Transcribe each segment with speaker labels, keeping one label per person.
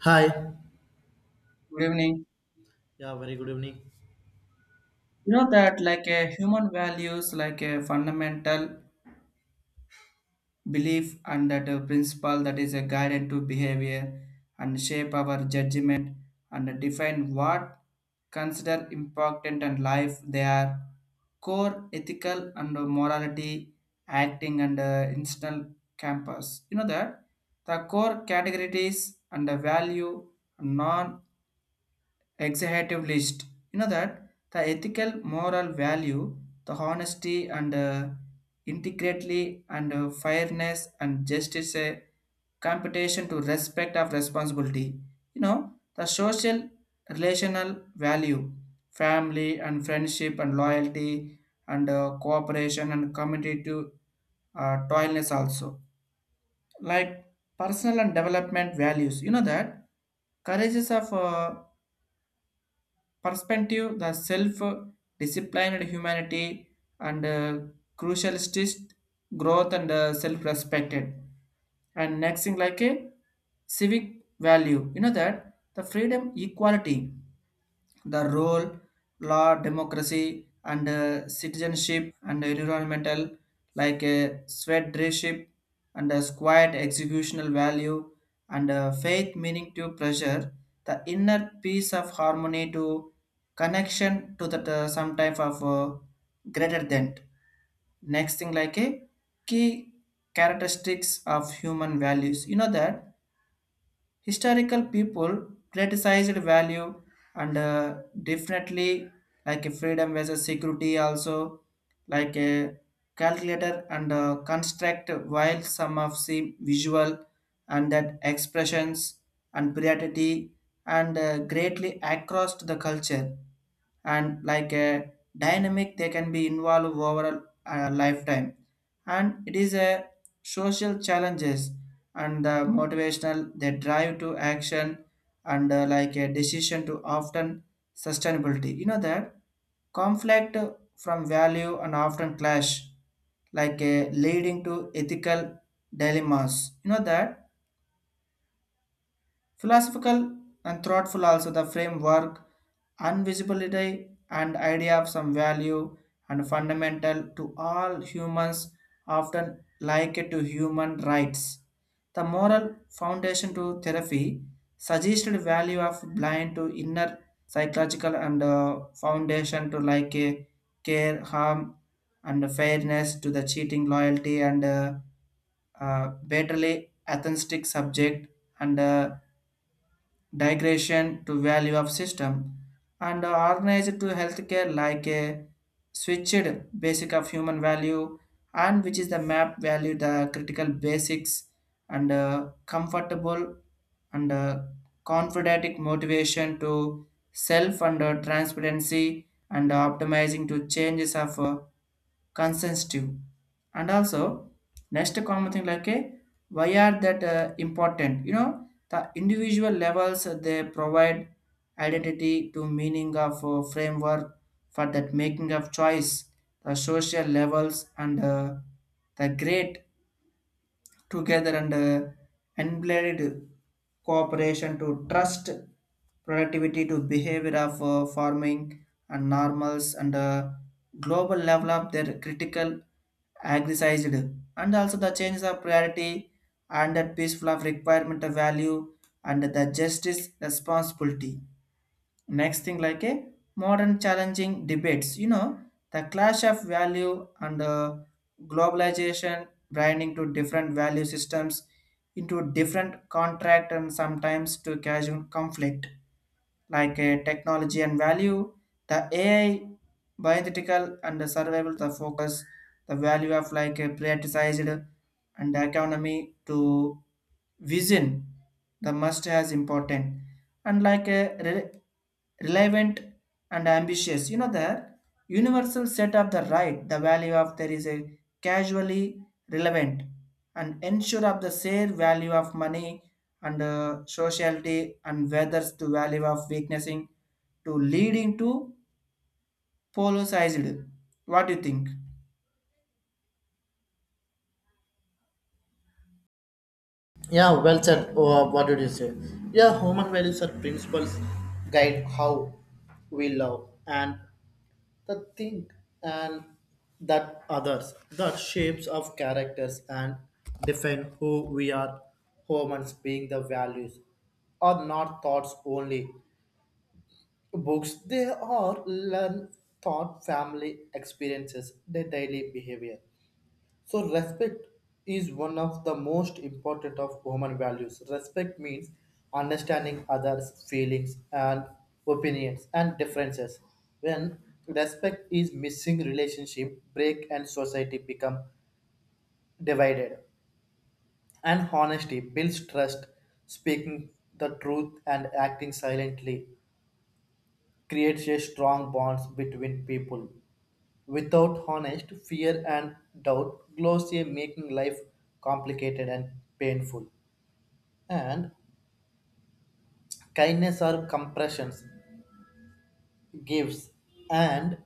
Speaker 1: Hi.
Speaker 2: Good evening.
Speaker 1: Yeah, very good evening.
Speaker 2: You know that like a human values like a fundamental belief, and that a principle that is a guided to behavior and shape our judgment and define what consider important and life, they are core ethical and morality acting and institutional campus. You know that the core categories and the value non executive list. You know that the ethical, moral value, the honesty and integrity and fairness and justice, a competition to respect of responsibility. You know the social, relational value, family and friendship and loyalty and cooperation and community to toilness, also like personal and development values. You know that courageous of perspective, the self-disciplined humanity and crucialist growth and self-respected. And next thing like a civic value. You know that the freedom, equality, the role, law, democracy, and citizenship and environmental, like a sweat dreship, and a quiet executional value and faith meaning to pressure, the inner peace of harmony to connection to that some type of greater than. Next thing like a key characteristics of human values. You know that historical people criticized value and definitely like a freedom versus security, also like a calculator and construct, while some of the visual and that expressions and priority and greatly across the culture, and like a dynamic they can be involved over a lifetime, and it is a social challenges and the motivational they drive to action and like a decision to often sustainability. You know that conflict from value and often clash like a leading to ethical dilemmas. You know that philosophical and thoughtful, also the framework, invisibility and idea of some value and fundamental to all humans, often like it to human rights. The moral foundation to therapy suggested value of blind to inner psychological and foundation to like a care, harm, and fairness to the cheating, loyalty, and betterly atheistic subject and digression to value of system and organized to healthcare like a switched basic of human value, and which is the map value the critical basics and comfortable and confident motivation to self and transparency and optimizing to changes of consensus too. And also, next common thing like a why are that important? You know, the individual levels they provide identity to meaning of framework for that making of choice. The social levels and the great together and unblamed cooperation to trust productivity to behavior of farming and normals and global level of their critical aggressized, and also the changes of priority and that peaceful of requirement of value and the justice responsibility. Next thing like a modern challenging debates. You know the clash of value and globalization branding to different value systems into different contract and sometimes to casual conflict, like a technology and value, the ai bioethical and the survival the focus, the value of like a privatized and economy to vision, the must has important, and like a re- relevant and ambitious. You know the universal set of the right, the value of there is a casually relevant and ensure of the share value of money and sociality and whether to value of weaknessing to leading to polarized. What do you think?
Speaker 1: Yeah, well said. Oh, what did you say? Yeah, human values are principles guide how we love and the think and that others, the shapes of characters and define who we are. Humans being the values are not thoughts only. Books, they are learned thought, family experiences, their daily behavior. So respect is one of the most important of human values. Respect means understanding others' feelings and opinions and differences. When respect is missing, relationship break and society become divided. And honesty builds trust, speaking the truth and acting silently creates a strong bonds between people. Without honest fear and doubt, glossier making life complicated and painful. And kindness are compressions, gifts, and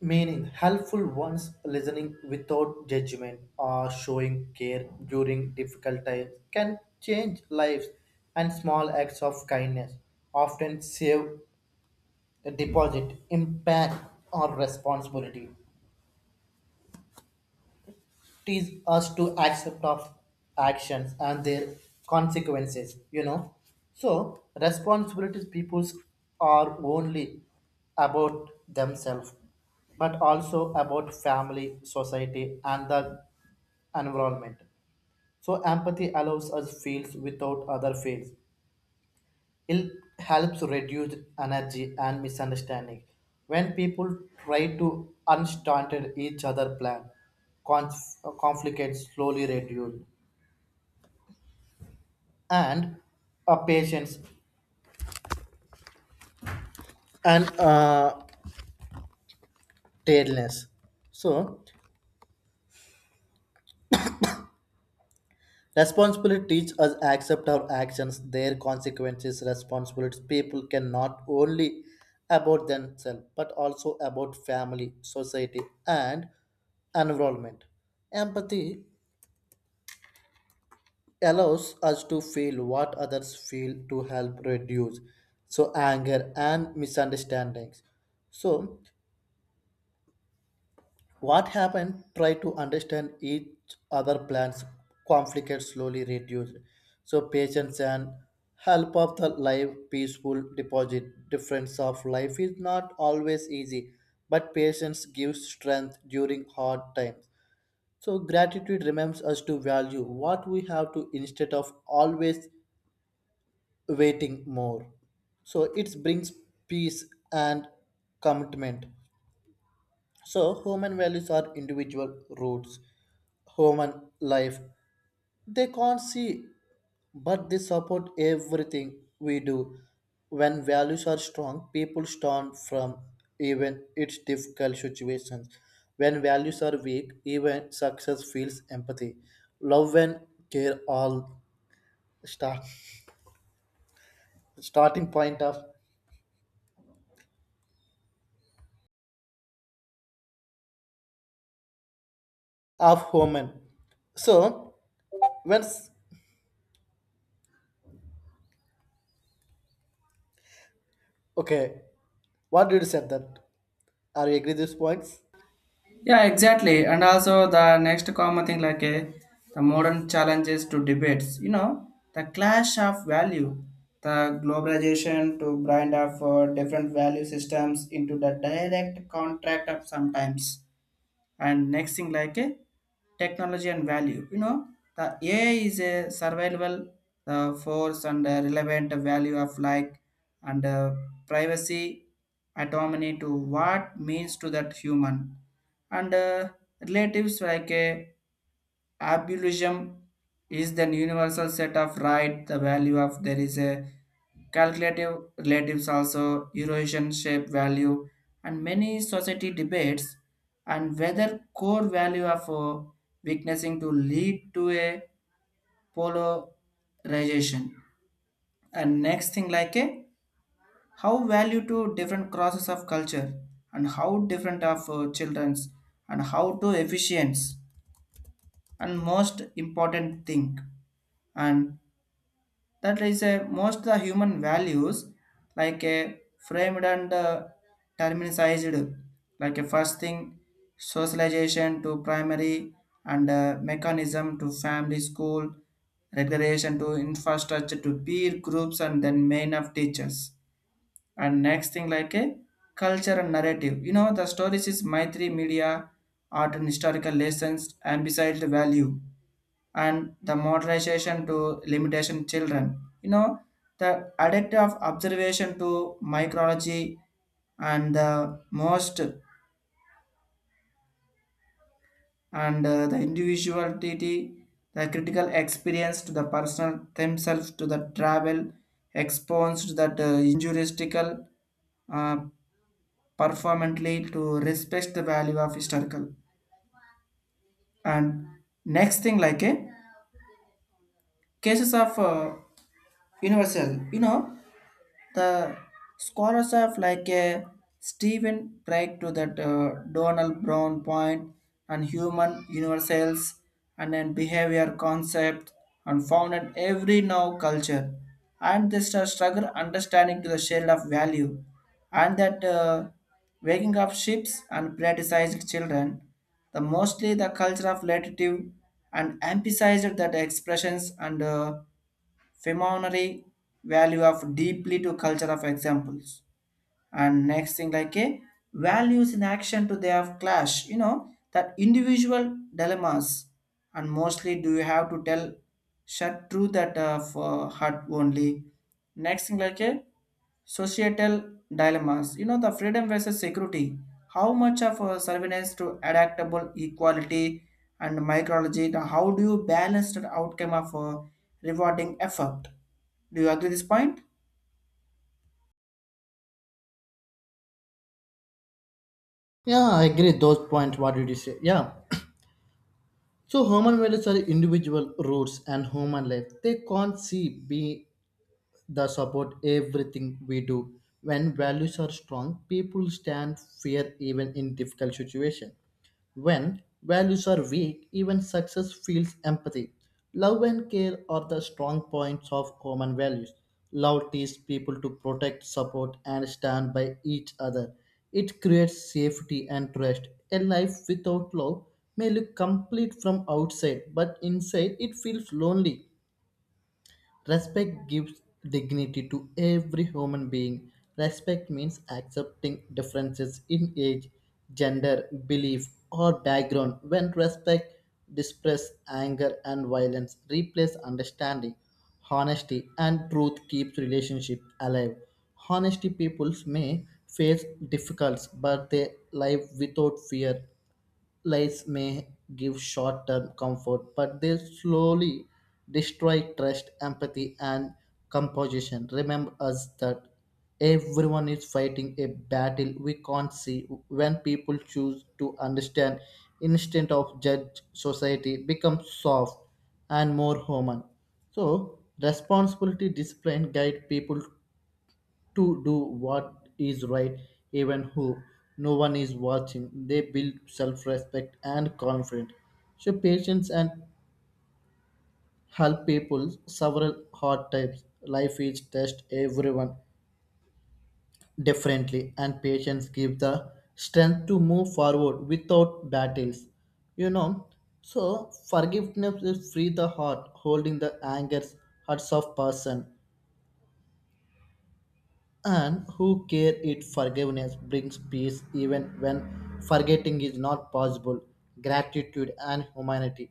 Speaker 1: meaning. Helpful ones listening without judgment or showing care during difficult times can change lives, and small acts of kindness often save a deposit, impact, or responsibility. Teach us to accept of actions and their consequences. So responsibilities peoples are only about themselves but also about family society and the environment. So empathy allows us feels without other feels. It helps reduce energy and misunderstanding when people try to understand each other plan conf- conflict slowly reduce. And a patience and tenderness. So, responsibility teaches us accept our actions, their consequences, responsibilities. People can not only about themselves but also about family, society, and environment. Empathy allows us to feel what others feel to help reduce so anger and misunderstandings. So what happened? Try to understand each other plans. Conflict slowly reduced. So patience and help of the life peaceful deposit. Difference of life is not always easy, but patience gives strength during hard times. So gratitude reminds us to value what we have to instead of always waiting more. So it brings peace and commitment. So human values are individual roots human life. They can't see, but they support everything we do. When values are strong, people stand from even its difficult situations. When values are weak, even success feels empathy. Love and care all start starting point of human. So when s- okay, what did you say that? Are you agree these points?
Speaker 2: Yeah, exactly. And also the next common thing like the modern challenges to debates, you know, the clash of value, the globalization to bind of different value systems into the direct contract of sometimes. And next thing like a technology and value. You know the ai is a survivable force and relevant value of like and privacy, autonomy to what means to that human and relatives like a absolutism is the universal set of right, the value of there is a calculative relatives, also Eurasian shape value, and many society debates and whether core value of witnessing to lead to a polarization. And next thing like a how value to different crosses of culture, and how different of children's and how to efficiency, and most important thing, and that is a most the human values like a framed and terminized. Like a first thing, socialization to primary and mechanism to family school regulation to infrastructure to peer groups, and then main of teachers. And next thing like a culture and narrative. You know the stories is maitri media, art and historical lessons, and besides the value and the modernization to limitation children. You know, the addictive of observation to micrology and the most and the individuality, the critical experience to the personal themselves to the travel exposed that injuristical uh, performantly to respect the value of historical. And next thing like a cases of universal. You know the scholars of like a Stephen Drake to that Donald Brown point and human universals and then behavior concept and founded every now culture, and this struggle understanding to the shade of value and that waking up ships and politicized children, the mostly the culture of relative and emphasized that expressions and phenomenal value of deeply to culture of examples. And next thing like a values in action to they have clash. You know that individual dilemmas and mostly do you have to tell shut through that for heart only. Next thing like a societal dilemmas. You know the freedom versus security, how much of surveillance to adaptable equality and micrology the how do you balance the outcome of rewarding effort. Do you agree this point?
Speaker 1: Yeah, I agree those points. What did you say? Yeah. So human values are individual roots and human life. They can't see be the support everything we do. When values are strong, people stand fear even in difficult situation. When values are weak, even success feels empathy. Love and care are the strong points of common values. Love teaches people to protect, support, and stand by each other. It creates safety and trust. A life without love may look complete from outside, but inside it feels lonely. Respect gives dignity to every human being. Respect means accepting differences in age, gender, belief, or background. When respect displaces anger and violence, replaces understanding, honesty, and truth keeps relationship alive. Honesty peoples may face difficulties, but they live without fear lies may give short term comfort, but they slowly destroy trust, empathy, and composition. Remember us that everyone is fighting a battle we can't see. When people choose to understand instead of judge, society becomes soft and more human. So, responsibility discipline guide people to do what is right even who no one is watching. They build self-respect and confidence. So patience and help people several hard times. Life is test everyone differently and patience gives the strength to move forward without battles you know so forgiveness is free the heart holding the angers hearts of person and who care. It forgiveness brings peace even when forgetting is not possible. Gratitude and humanity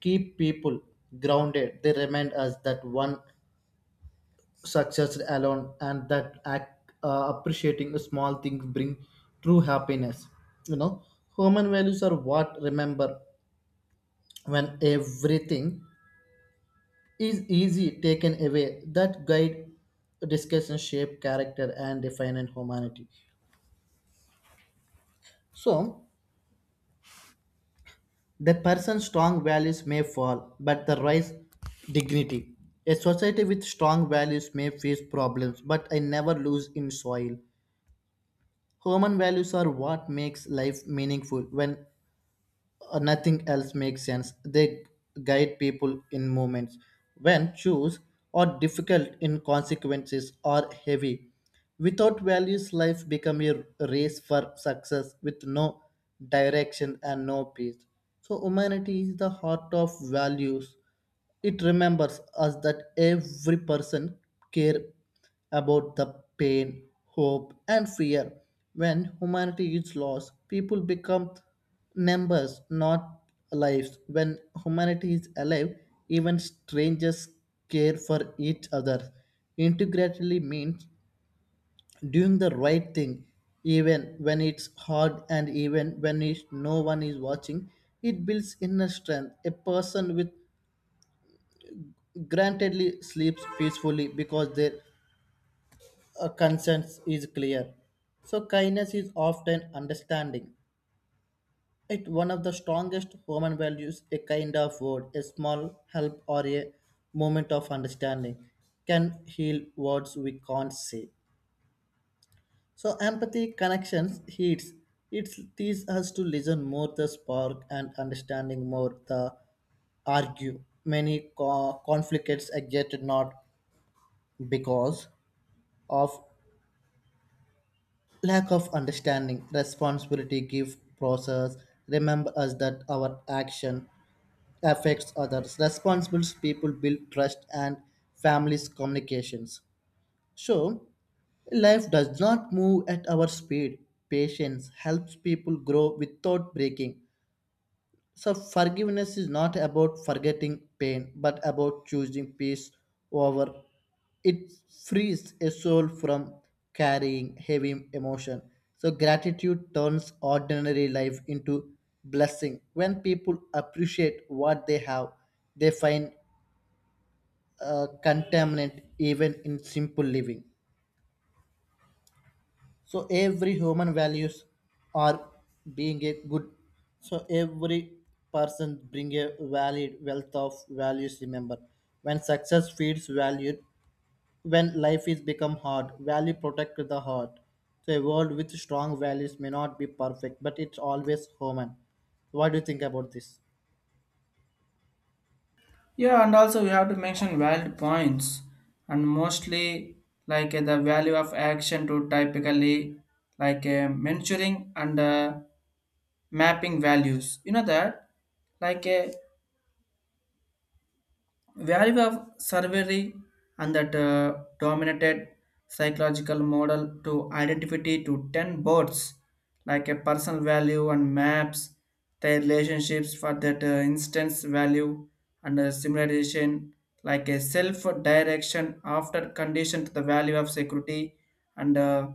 Speaker 1: keep people grounded. They remind us that one success alone and that act, appreciating small things bring true happiness. you know Human values are what remember when everything is easy taken away that guide discussion shape character and define in humanity. So the person's strong values may fall, but the rise dignity. A society with strong values may face problems, but I never lose in soil. Human values are what makes life meaningful. When nothing else makes sense. They guide people in moments when choose or difficult in consequences are heavy. Without values, life become a race for success with no direction and no peace. So humanity is the heart of values. It remembers us that every person care about the pain, hope, and fear. When humanity is lost, people become numbers, not lives. When humanity is alive, even strangers care for each other. Integrately means doing the right thing, even when it's hard and even when it, no one is watching. It builds inner strength. A person with grantedly sleeps peacefully because their conscience is clear. So kindness is often understanding. It's one of the strongest human values, a kind of word, a small help or a moment of understanding can heal words we can't say. So empathy connections heats. It teaches us to listen more the spark and understanding more the argue. Many conflicts exist not because of lack of understanding, responsibility give process. Remember us that our action affects others. Responsible people build trust and families communications. So life does not move at our speed. Patience helps people grow without breaking. So, forgiveness is not about forgetting pain, but about choosing peace over it frees a soul from carrying heavy emotion. So, gratitude turns ordinary life into blessing. When people appreciate what they have, they find contentment even in simple living. So every human values are being a good. So every person bring a valid wealth of values remember when success feeds value when life is become hard value protect the heart. So a world with strong values may not be perfect but it's always human. What do you think about this?
Speaker 2: Yeah, and also we have to mention valid points, and mostly like the value of action to typically like mentoring and mapping values. You know that, like value of survey and that dominated psychological model to identity to 10 boards like a personal value and maps their relationships for that instance value and similarization like a self direction after condition to the value of security and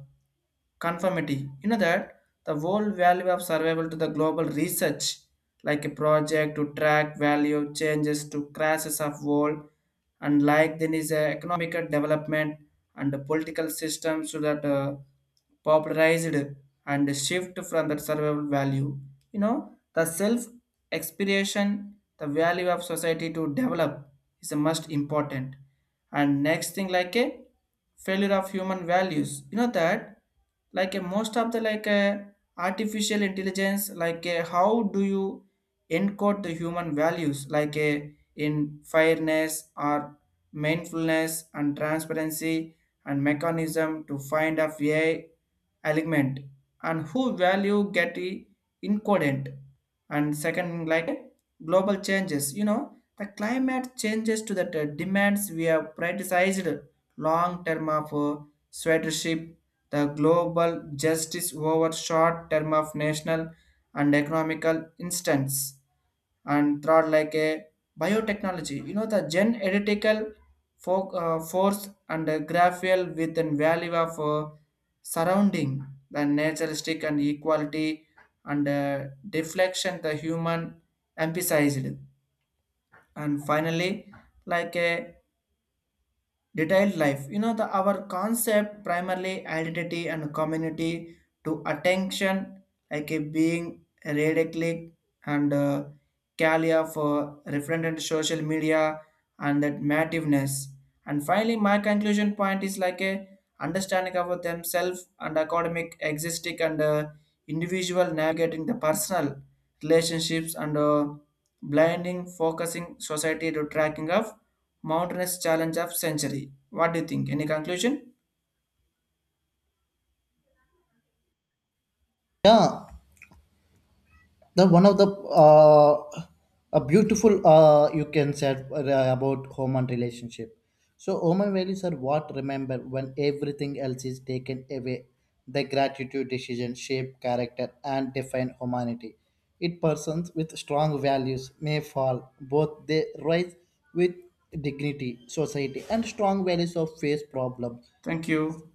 Speaker 2: conformity. You know that the whole value of survival to the global research, like a project to track value changes to crashes of world, and like then is a economic development and the political system, so that popularized and shift from that survival value. You know the self expiration, the value of society to develop is a must important. And next thing like a failure of human values. You know that like a most of the like a artificial intelligence, like a how do you encode the human values like a in fairness or mindfulness and transparency and mechanism to find of a element and who value get encoded. And second, like global changes. You know the climate changes to that demands we have prioritized long term of stewardship, the global justice over short term of national and economical instance. And third, like a biotechnology. You know the gen editical force and graphel with an value of surrounding the naturalistic and equality and deflection the human emphasized. And finally like a detailed life. You know the our concept primarily identity and community to attention like a being radically and calia for referent social media and that mativeness. And finally my conclusion point is like a understanding of themselves and academic existing and individual navigating the personal relationships and blinding focusing society to tracking of mountainous challenge of century. What do you think? Any conclusion?
Speaker 1: Yeah, the one of the a beautiful you can say about home and relationship. So home and values are what remember when everything else is taken away the gratitude decision shape character and define humanity. It persons with strong values may fall both they rise with dignity society and strong values of face problem.
Speaker 2: Thank you.